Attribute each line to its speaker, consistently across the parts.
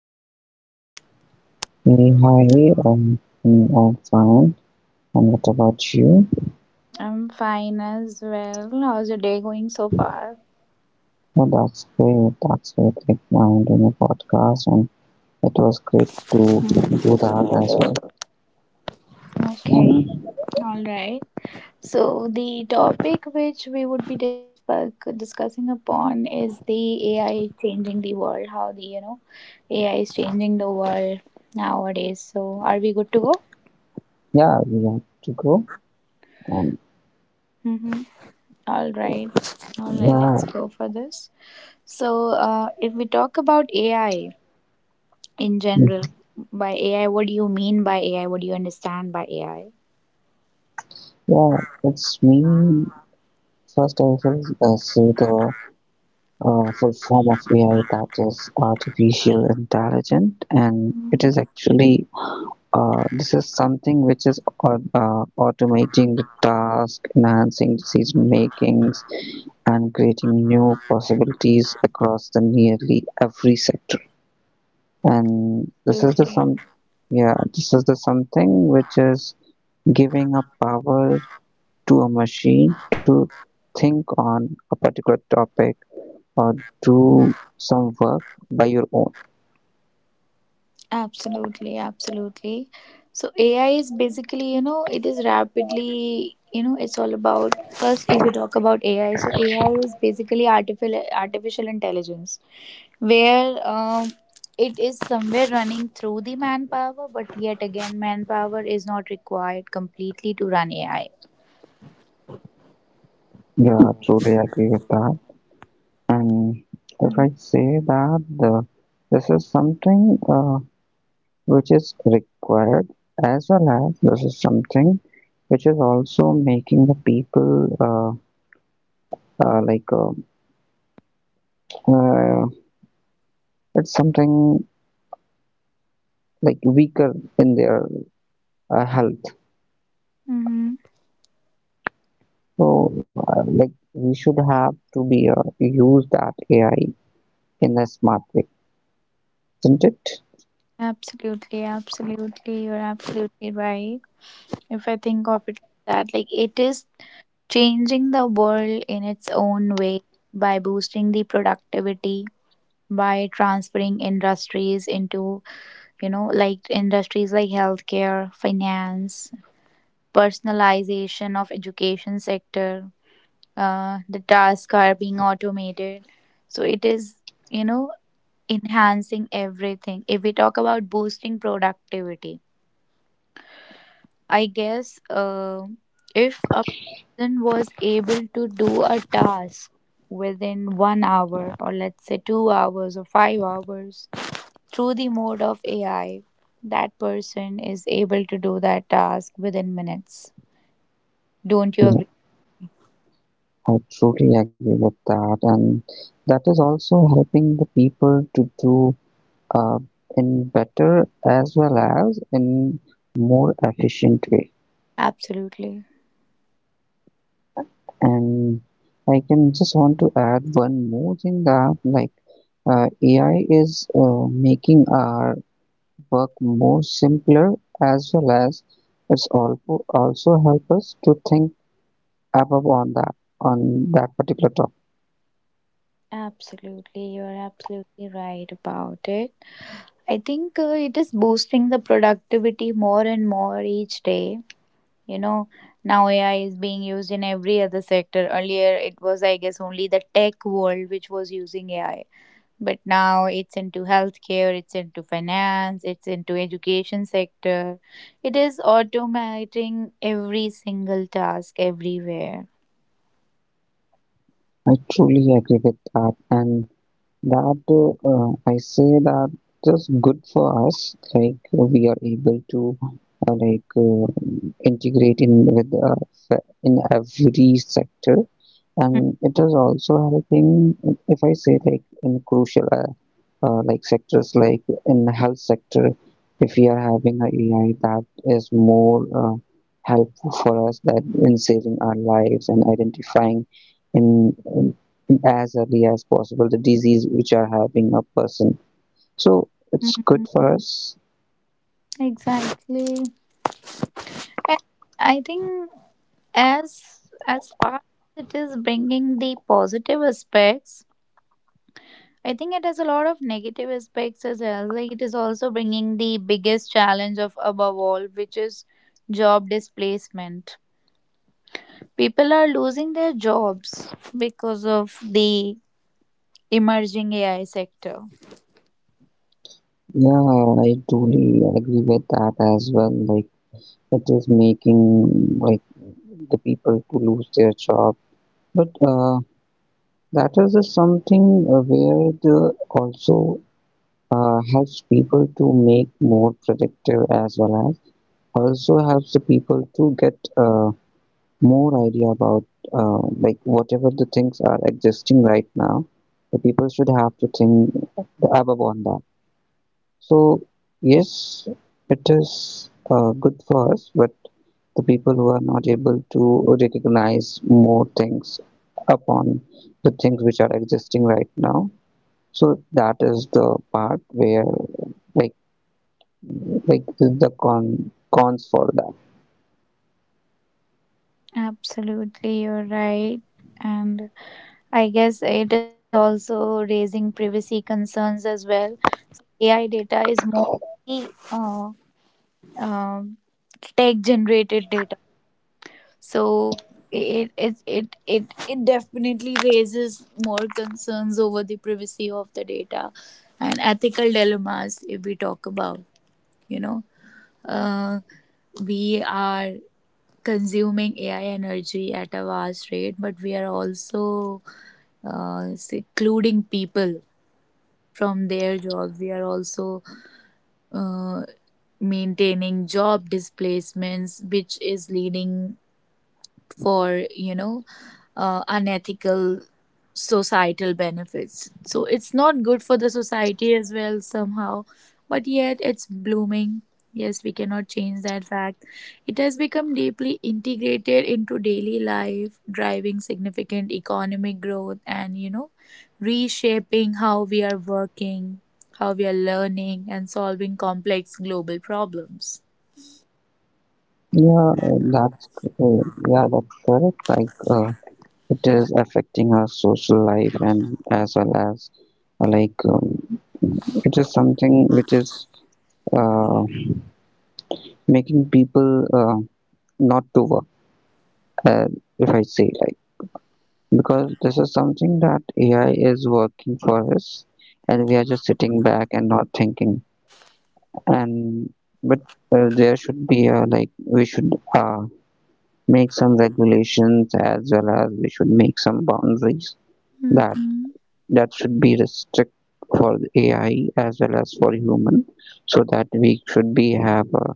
Speaker 1: How are you?
Speaker 2: Me, hi, I'm fine. And what about you?
Speaker 1: I'm fine as well. How's your day going so far?
Speaker 2: Oh, that's great. That's great. Like now I'm doing a podcast, and it was great to
Speaker 1: Hmm.
Speaker 2: do that as well. So
Speaker 1: Okay, all right. So the topic which we would be discussing upon is the AI changing the world. How the AI is changing the world nowadays. So are we good to go?
Speaker 2: yeah, we have to go. And
Speaker 1: Mm-hmm. All right, all right.
Speaker 2: yeah,
Speaker 1: Let's go for this. So if we talk about AI in general.
Speaker 2: mm,
Speaker 1: By AI, what do you mean by AI? What do you understand by AI?
Speaker 2: yeah, it's me. First, I will say the full form of AI, that is artificial intelligent, and it
Speaker 1: Mm.
Speaker 2: is actually this is something which is automating the task, enhancing decision makings, and creating new possibilities across the nearly every sector. And this is the
Speaker 1: Absolutely.
Speaker 2: some, yeah, this is the something which is giving a power to a machine to think on a particular topic or do some work by your own.
Speaker 1: Absolutely. Absolutely. So AI is basically, you know, it is rapidly, you know, it's all about first if we talk about AI, so AI is basically artificial intelligence where it is somewhere running through the manpower, but yet again manpower is not required completely to run AI.
Speaker 2: Yeah, truly agree with that. And if I say this is something which is required, as well as this is something which is also making the people uh, like uh, uh, it's something like weaker in their health.
Speaker 1: Mhm.
Speaker 2: So, like we should have to be use that AI in a smart way, isn't it?
Speaker 1: Absolutely, absolutely. You're absolutely right. If I think of it like that, like it is changing the world in its own way by boosting the productivity, by transferring industries into, you know, like industries like healthcare, finance, personalization of education sector. The tasks are being automated. So it is, you know, enhancing everything. If we talk about boosting productivity, I guess if a person was able to do a task within 1 hour, or let's say 2 hours or 5 hours, through the mode of AI, that person is able to do that task within minutes. Don't you
Speaker 2: Yeah,
Speaker 1: agree?
Speaker 2: I truly agree with that, and that is also helping the people to do uh, in better as well as in more efficient way.
Speaker 1: Absolutely.
Speaker 2: And I can just want to add one more thing, that like AI is uh, making our work more simpler, as well as it's also help us to think above on that, on that particular topic.
Speaker 1: Absolutely. You're absolutely right about it. I think it is boosting the productivity more and more each day. You know, now AI is being used in every other sector. Earlier, it was, I guess, only the tech world which was using AI. But now it's into healthcare, it's into finance, it's into education sector. It is automating every single task everywhere.
Speaker 2: I truly agree with that. And that I say that is good for us. Like we are able to uh, like uh, integrate in with in every sector, and it is also helping. If I say like in crucial like sectors, like in health sector, if we are having a AI that is more helpful for us, that in saving our lives and identifying in as early as possible the disease which are having a person, so it's
Speaker 1: Mhm.
Speaker 2: good for us.
Speaker 1: Exactly. And I think as as far as it is bringing the positive aspects, I think it has a lot of negative aspects as well. Like it is also bringing the biggest challenge of above all, which is job displacement. People are losing their jobs because of the emerging AI sector.
Speaker 2: Yeah, I totally agree with that as well. Like it is making, like, the people to lose their job, but that is just something where the also helps people to make more productive, as well as also helps the people to get more idea about like whatever the things are existing right now. The people should have to think above on that. So yes, it is good for us, but the people who are not able to recognize more things upon the things which are existing right now, so that is the part where, like like the cons for that.
Speaker 1: Absolutely, you're right. And I guess it is also raising privacy concerns as well. AI data is mostly um, tech generated. So it definitely raises more concerns over the privacy of the data and ethical dilemmas if we talk about, you know. Uh, we are consuming AI energy at a vast rate, but we are also secluding people from their jobs. We are also uh, maintaining job displacements, which is leading for, you know, unethical societal benefits. So it's not good for the society as well somehow, but yet it's blooming. Yes, we cannot change that fact. It has become deeply integrated into daily life, driving significant economic growth and, you know, reshaping how we are working, how we are learning, and solving complex global problems.
Speaker 2: Yeah uh, that's uh, yeah that's correct. Like it is affecting our social life, and as well as uh, like um, it is something which is uh, making people uh, not to work. uh, if I say like, because this is something that AI is working for us and we are just sitting back and not thinking, and but there should be a, like, we should uh, make some regulations, as well as we should make some boundaries that
Speaker 1: Mhm.
Speaker 2: that should be restrict for AI as well as for human, so that we should be have a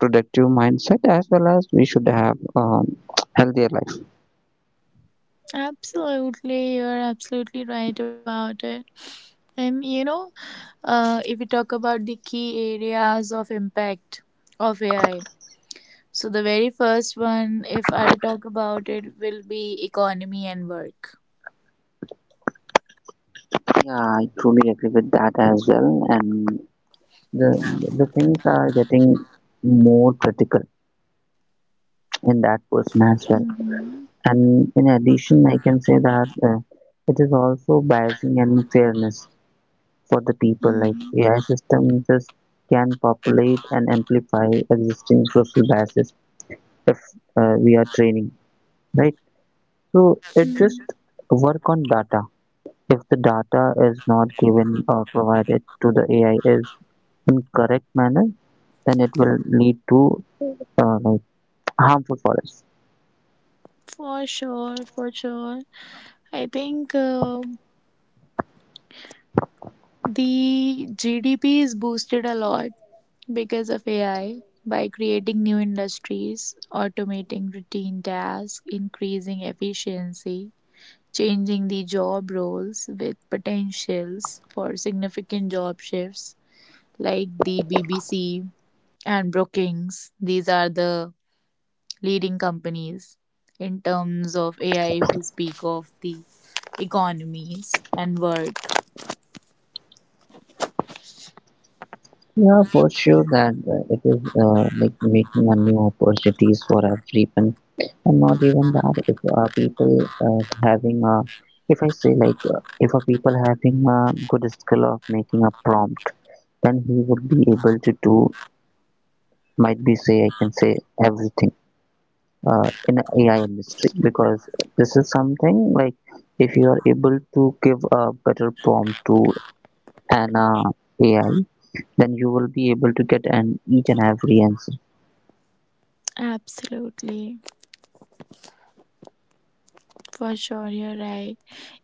Speaker 2: productive mindset, as well as we should have healthier life.
Speaker 1: Absolutely, you're absolutely right about it. And you know, if we talk about the key areas of impact of AI, so the very first one, if I'll talk about it, will be economy and work.
Speaker 2: Yeah, I truly agree with that as well. And the the things are getting more critical in that person as well.
Speaker 1: Mm-hmm.
Speaker 2: And in addition, I can say that it is also biasing and fairness for the people. Like
Speaker 1: Mm-hmm.
Speaker 2: AI systems can populate and amplify existing social biases if we are training, right? So it
Speaker 1: Mm-hmm.
Speaker 2: just work on data. If the data is not given or provided to the AI is in correct manner, then it will lead to like harmful for us.
Speaker 1: For sure, for sure. I think the GDP is boosted a lot because of AI by creating new industries, automating routine tasks, increasing efficiency, changing the job roles with potentials for significant job shifts, like the BBC and Brookings. These are the leading companies in terms of AI if we speak of the economies and work.
Speaker 2: Yeah, for sure, that it is like making a new opportunities for everyone. And not even that, if people uh, having a if I say like, if a people having a good skill of making a prompt, then he would be able to do, might be say, I can say, everything in a AI industry, because this is something like, if you are able to give a better prompt to an AI, then you will be able to get an each and every answer.
Speaker 1: Absolutely. For sure, you're right.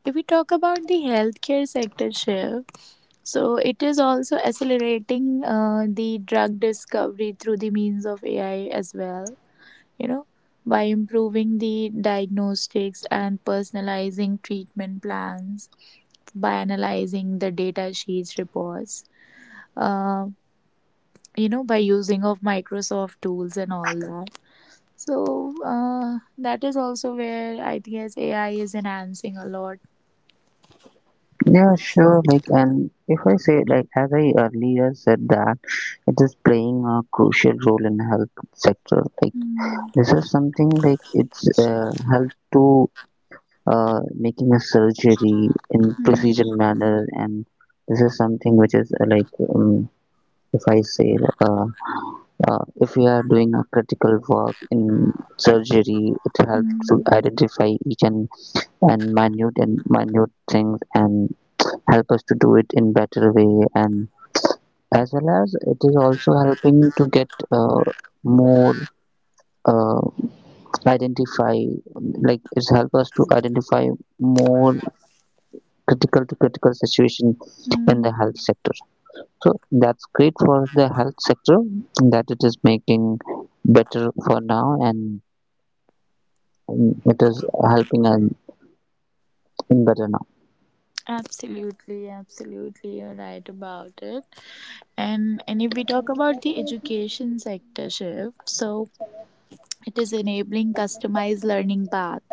Speaker 1: If we talk about the healthcare sector, Shiv, so it is also accelerating the drug discovery through the means of AI as well, you know, by improving the diagnostics and personalizing treatment plans, by analyzing the data sheets reports, uh, you know, by using of Microsoft tools and all that. So that is also where I think as AI is enhancing a lot.
Speaker 2: Yeah, sure. Like, and if I say, like, as I earlier said, that it is playing a crucial role in health sector. Like,
Speaker 1: Mm,
Speaker 2: this is something like it's help to making a surgery in precision
Speaker 1: mm,
Speaker 2: manner, and this is something which is if I say, uh, if we are doing a critical work in surgery, it helps to
Speaker 1: mm,
Speaker 2: identify each and minute things, and help us to do it in better way. And as well as it is also helping to get more uh, identify like it's help us to identify more critical to critical situation in
Speaker 1: mm.
Speaker 2: the health sector. So that's great for the health sector, that it is making better for now. And mm, it is helping and in better now.
Speaker 1: Absolutely, absolutely, you're right about it. And if we talk about the education sector shift, so it is enabling customized learning path.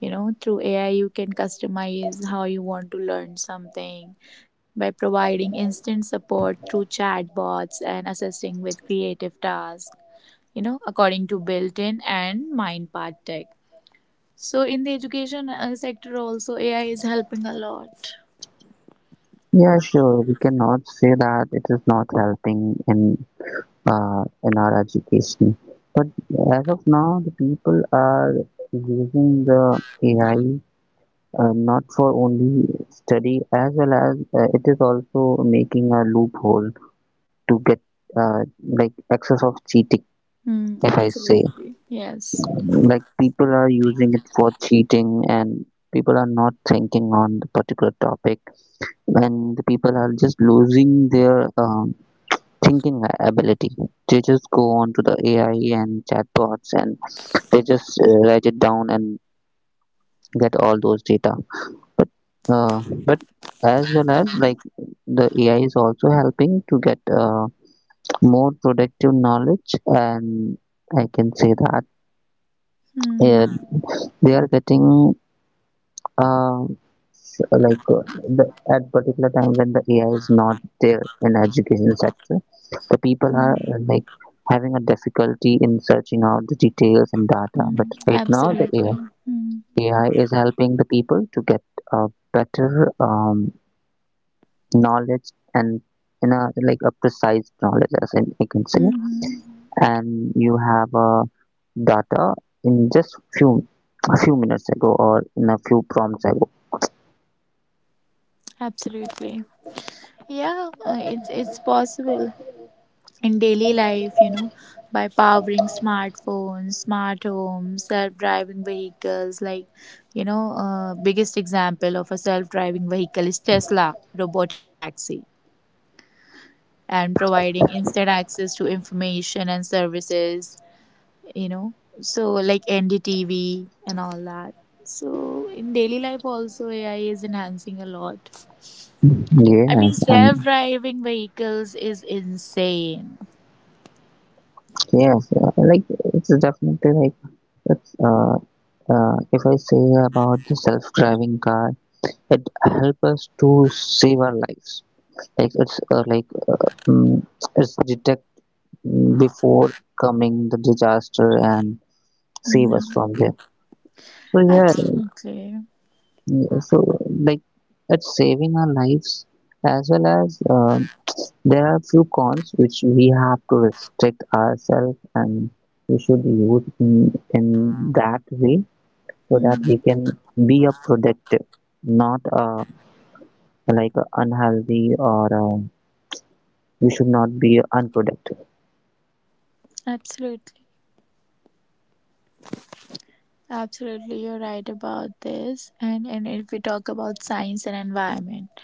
Speaker 1: You know, through AI, you can customize how you want to learn something by providing instant support through chatbots and assisting with creative tasks. You know, according to built-in and MindPath Tech. So in the education sector, also AI is helping a lot.
Speaker 2: Yeah, sure, we cannot say that it is not helping in in our education. As of now, the people are using the AI not for only study, as well as it is also making a loophole to get like access of cheating.
Speaker 1: Hmm,
Speaker 2: If I say,
Speaker 1: absolutely. Yes.
Speaker 2: like, people are using it for cheating, and people are not thinking on the particular topic, and the people are just losing their thinking ability. They just go on to the AI and chatbots, and they just write it down and get all those data, but uh, but as well as like the AI is also helping to get more productive knowledge. And I can say that
Speaker 1: Mm,
Speaker 2: uh, they are getting uh, like uh, the, at particular time when the AI is not there in education sector, the people are
Speaker 1: mm,
Speaker 2: like having a difficulty in searching out the details and data.
Speaker 1: mm.
Speaker 2: But right now
Speaker 1: Absolutely. Mm.
Speaker 2: AI is helping the people to get a better um, knowledge, and in a like a precise knowledge, as in I can say.
Speaker 1: Mhm.
Speaker 2: And you have a data in just few a few minutes ago, or in a few prompts ago.
Speaker 1: Absolutely. Yeah, it's possible in daily life, you know, by powering smartphones, smart homes, self-driving vehicles. Like, you know, biggest example of a self-driving vehicle is Tesla robotaxi, and providing instant access to information and services, you know, so like NDTV and all that. So in daily life also AI is enhancing a lot. I mean,
Speaker 2: Yes, and
Speaker 1: self-driving vehicles is insane.
Speaker 2: yes, like, it's definitely like, it's if I say about the self-driving car, it helps us to save our lives. Like it's mm it's detect before coming the disaster and save us
Speaker 1: Mhm.
Speaker 2: from there. So yeah,
Speaker 1: Absolutely.
Speaker 2: yeah, so like it's saving our lives, as well as there are few cons which we have to restrict ourselves, and we should use in that way so that we
Speaker 1: Mhm.
Speaker 2: can be a productive, not like a unhealthy, or we should not be unproductive.
Speaker 1: Absolutely, absolutely, you're right about this. And if we talk about science and environment,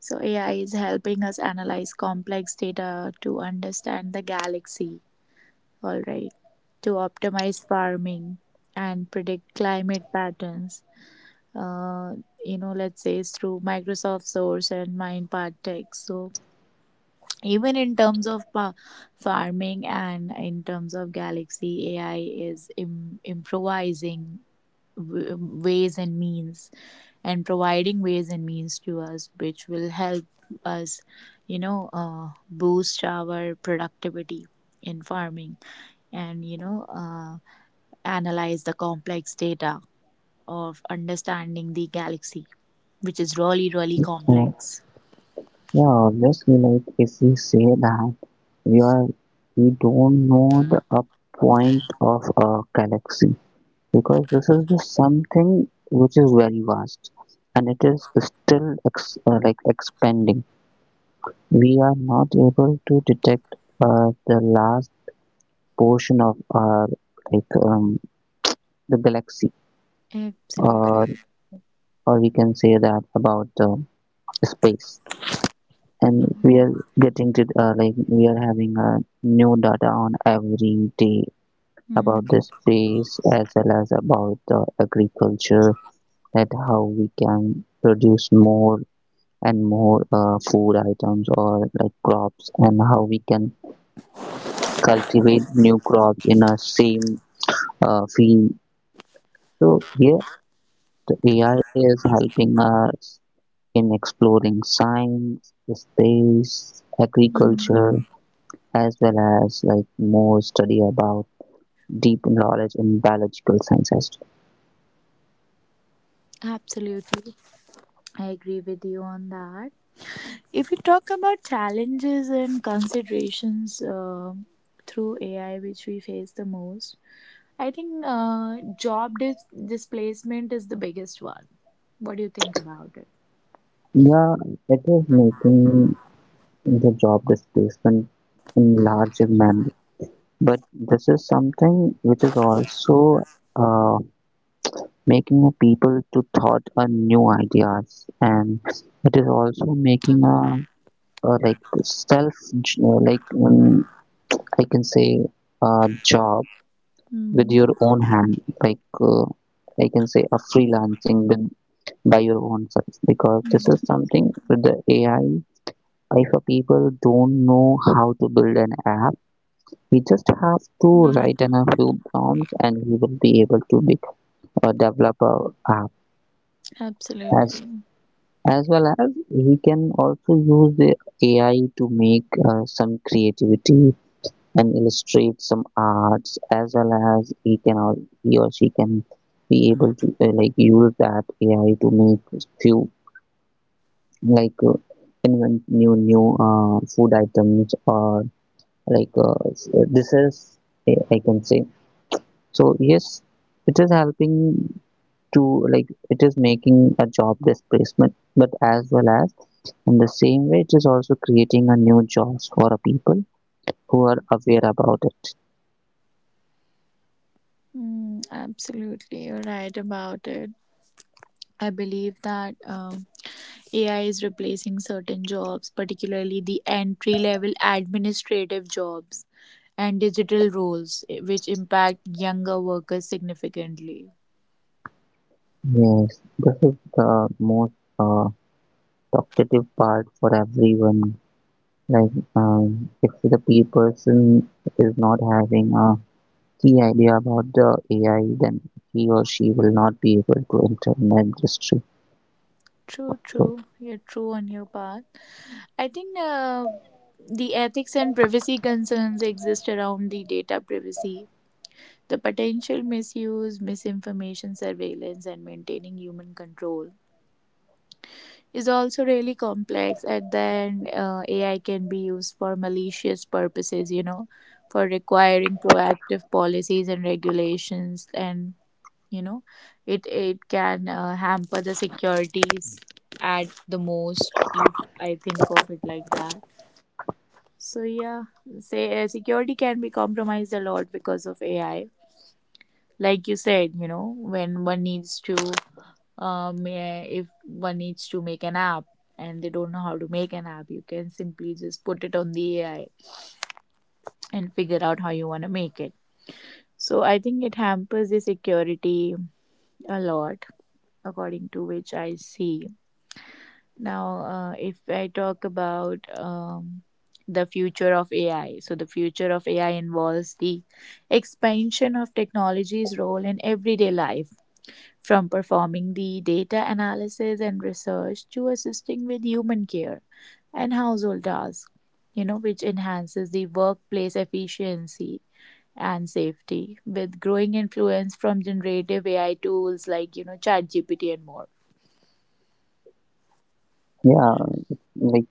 Speaker 1: so AI is helping us analyze complex data to understand the galaxy, all right, to optimize farming and predict climate patterns. Uh, you know, let's say it's through Microsoft Source and MindPart Tech. So even in terms of farming and in terms of Galaxy, AI is improvising ways and means and providing ways and means to us which will help us, you know, boost our productivity in farming and, you know, analyze the complex data of understanding the galaxy, which is really, really
Speaker 2: Uh,
Speaker 1: complex.
Speaker 2: yeah, obviously, like if we say that we are we don't know the up point of a galaxy, because this is the something which is very vast, and it is still like expanding. We are not able to detect the last portion of our like um, the galaxy.
Speaker 1: Absolutely.
Speaker 2: or or we can say that about the space. And we are getting to like we are having new data on every day
Speaker 1: Mhm.
Speaker 2: about the space, as well as about the agriculture, that how we can produce more and more food items, or like crops, and how we can cultivate new crops in a same field. So here the AI is helping us in exploring science, space,
Speaker 1: Mhm.
Speaker 2: agriculture, as well as like more study about deep knowledge in biological sciences.
Speaker 1: Absolutely. I agree with you on that. If we talk about challenges and considerations through AI, which we face the most, I think job dis- displacement is the biggest one. What do you think about it?
Speaker 2: Yeah, it is making the job displacement in larger manner, but this is something which is also uh, making the people to thought on new ideas. And it is also making a like self j- uh, like um, I can say a job with
Speaker 1: Mm,
Speaker 2: your own hand. Like I can say a freelancing with by your own self, because this is
Speaker 1: mm,
Speaker 2: something with the AI, if a people don't know how to build an app, we just have to
Speaker 1: mm.
Speaker 2: write in a few prompts and he will be able to be a developer app.
Speaker 1: Absolutely.
Speaker 2: As as well as he can also use the AI to make some creativity and illustrate some arts. As well as he can, or he or she can be able to like use that AI to make few like invent new food items, or like this is, I can say. So yes, it is helping to, like, it is making a job displacement, but as well as in the same way, it is also creating a new jobs for a people who are aware about it.
Speaker 1: Mm, absolutely, you're right about it. I believe that AI is replacing certain jobs, particularly the entry level administrative jobs and digital roles, which impact younger workers significantly.
Speaker 2: Yes, this is the most uh, talkative part for everyone. Like if the person is not having a key idea about the AI, then he or she will not be able to enter in the industry.
Speaker 1: True,
Speaker 2: So
Speaker 1: true. You're true on your part. I think the ethics and privacy concerns exist around the data privacy, the potential misuse, misinformation surveillance, and maintaining human control is also really complex. And then AI can be used for malicious purposes, you know, for requiring proactive policies and regulations. And, you know, it can hamper the securities at the most if I think of it like that. So yeah, say security can be compromised a lot because of AI, like you said, you know, when one needs to if one needs to make an app and they don't know how to make an app, you can simply just put it on the AI and figure out how you want to make it. So I think it hampers the security a lot, according to which I see. Now, if I talk about the future of AI, so the future of AI involves the expansion of technology's role in everyday life. From performing the data analysis and research to assisting with human care and household tasks, you know, which enhances the workplace efficiency and safety with growing influence from generative AI tools like, you know, ChatGPT and more.
Speaker 2: yeah, like,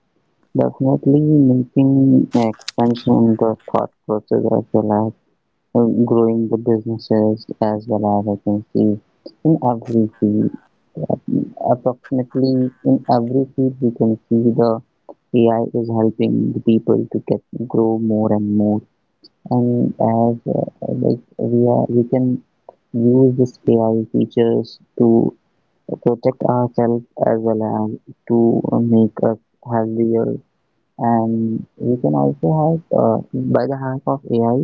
Speaker 2: definitely making expansion in the thought process, as well as growing the businesses, as well as I can see in every field. Approximately in every field we can see the AI is helping the people to get grow more and more. And as we can use this AI features to protect ourselves, as well as to make us healthier. And you can also have by the help of AI,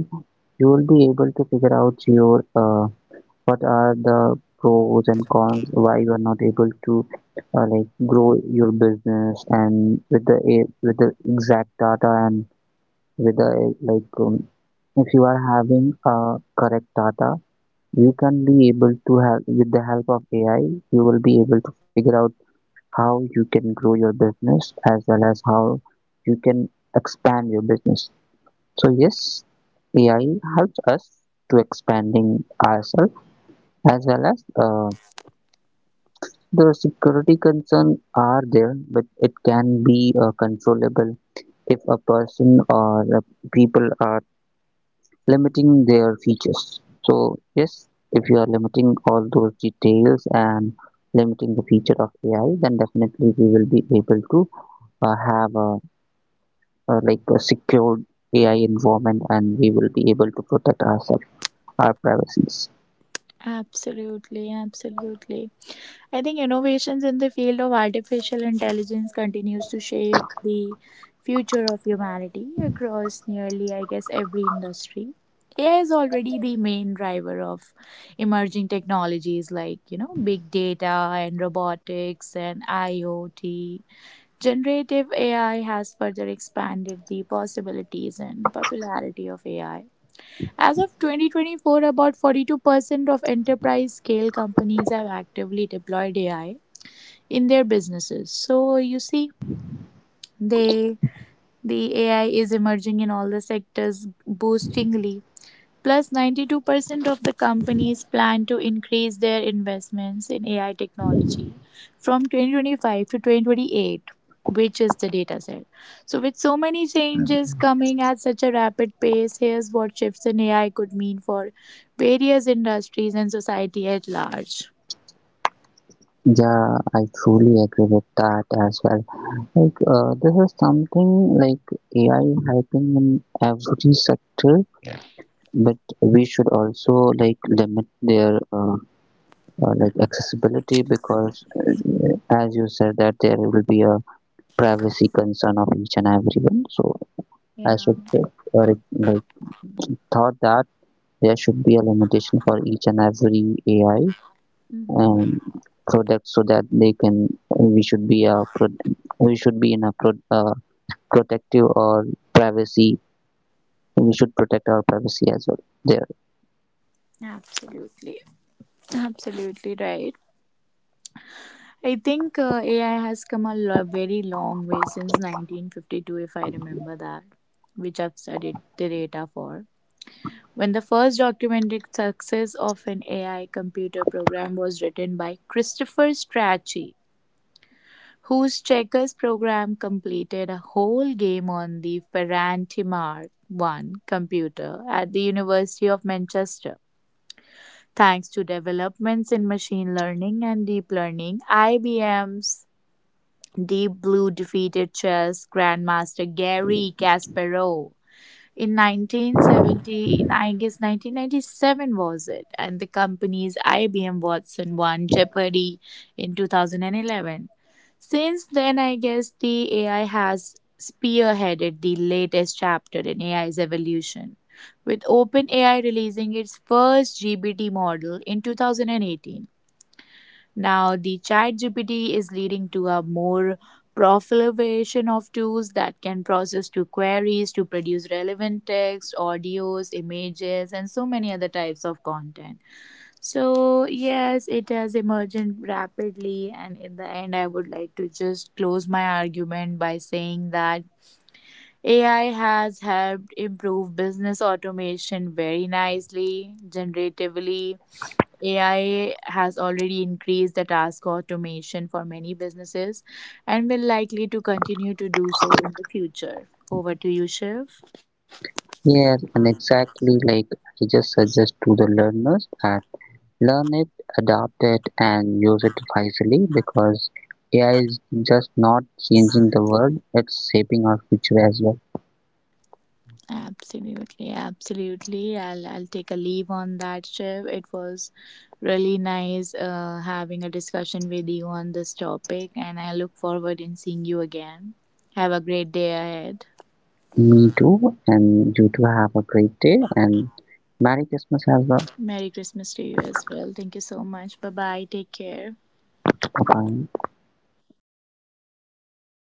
Speaker 2: you will be able to figure out your what are the pros and cons, why you are not able to like grow your business. And with the with the exact data and with the if you are having correct data, you can be able to have with the help of AI, you will be able to figure out how you can grow your business, as well as how you can expand your business. So yes, AI helps us to expanding ourselves, as well as the security concern are there, but it can be controllable if a person or the people are limiting their features. So yes, if you are limiting all those details and limiting the feature of AI, then definitely we will be able to have a like a secured AI environment, and we will be able to protect ourselves, our privacies.
Speaker 1: Absolutely, absolutely. I think innovations in the field of artificial intelligence continues to shape the future of humanity across nearly, I guess, every industry. AI is already the main driver of emerging technologies like, you know, big data and robotics and IoT. Generative AI has further expanded the possibilities and popularity of AI. As of 2024, about 42% of enterprise-scale companies have actively deployed AI in their businesses. So you see, they the AI is emerging in all the sectors boostingly. Plus, 92% of the companies plan to increase their investments in AI technology from 2025 to 2028, which is the data set. So, with so many changes coming at such a rapid pace, here's what shifts in AI could mean for various industries and society at large.
Speaker 2: Yeah, I truly agree with that as well. Like, this is something like AI helping in every sector, but we should also like limit their like accessibility, because, as you said, that there will be a privacy concern of each and everyone. So
Speaker 1: Yeah.
Speaker 2: I should like thought that there should be a limitation for each and every AI
Speaker 1: Hmm,
Speaker 2: um, product, so that they can, we should be a, we should be in a protective, or privacy, we should protect our privacy as well there.
Speaker 1: absolutely, absolutely right. I think AI has come a very long way since 1952, if I remember that, which I've studied the data for, when the first documented success of an AI computer program was written by Christopher Strachey, whose checkers program completed a whole game on the Ferranti Mark I computer at the University of Manchester. Thanks to developments in machine learning and deep learning, IBM's Deep Blue defeated chess grandmaster Garry Kasparov in 1970, I guess 1997 was it, and the company's IBM Watson won Jeopardy in 2011. Since then, I guess the AI has spearheaded the latest chapter in AI's evolution, with OpenAI releasing its first GPT model in 2018. Now, the ChatGPT is leading to a more proliferation of tools that can process two queries to produce relevant text, audios, images, and so many other types of content. So, yes, it has emerged rapidly, and in the end, I would like to just close my argument by saying that AI has helped improve business automation very nicely. Generatively, AI has already increased the task automation for many businesses and will likely to continue to do so in the future. Over to you, Shiv.
Speaker 2: Yes, and exactly like I just suggest to the learners that learn it, adapt it, and use it wisely, because AI is just not changing the world, it's shaping our future as well.
Speaker 1: Absolutely, absolutely. I'll take a leave on that, Shiv. It was really nice having a discussion with you on this topic, and I look forward in seeing you again. Have a great day ahead.
Speaker 2: Me too, and you too have a great day, and Merry Christmas as well.
Speaker 1: Merry Christmas to you as well. Thank you so much. Bye bye. Take care.
Speaker 2: Bye bye.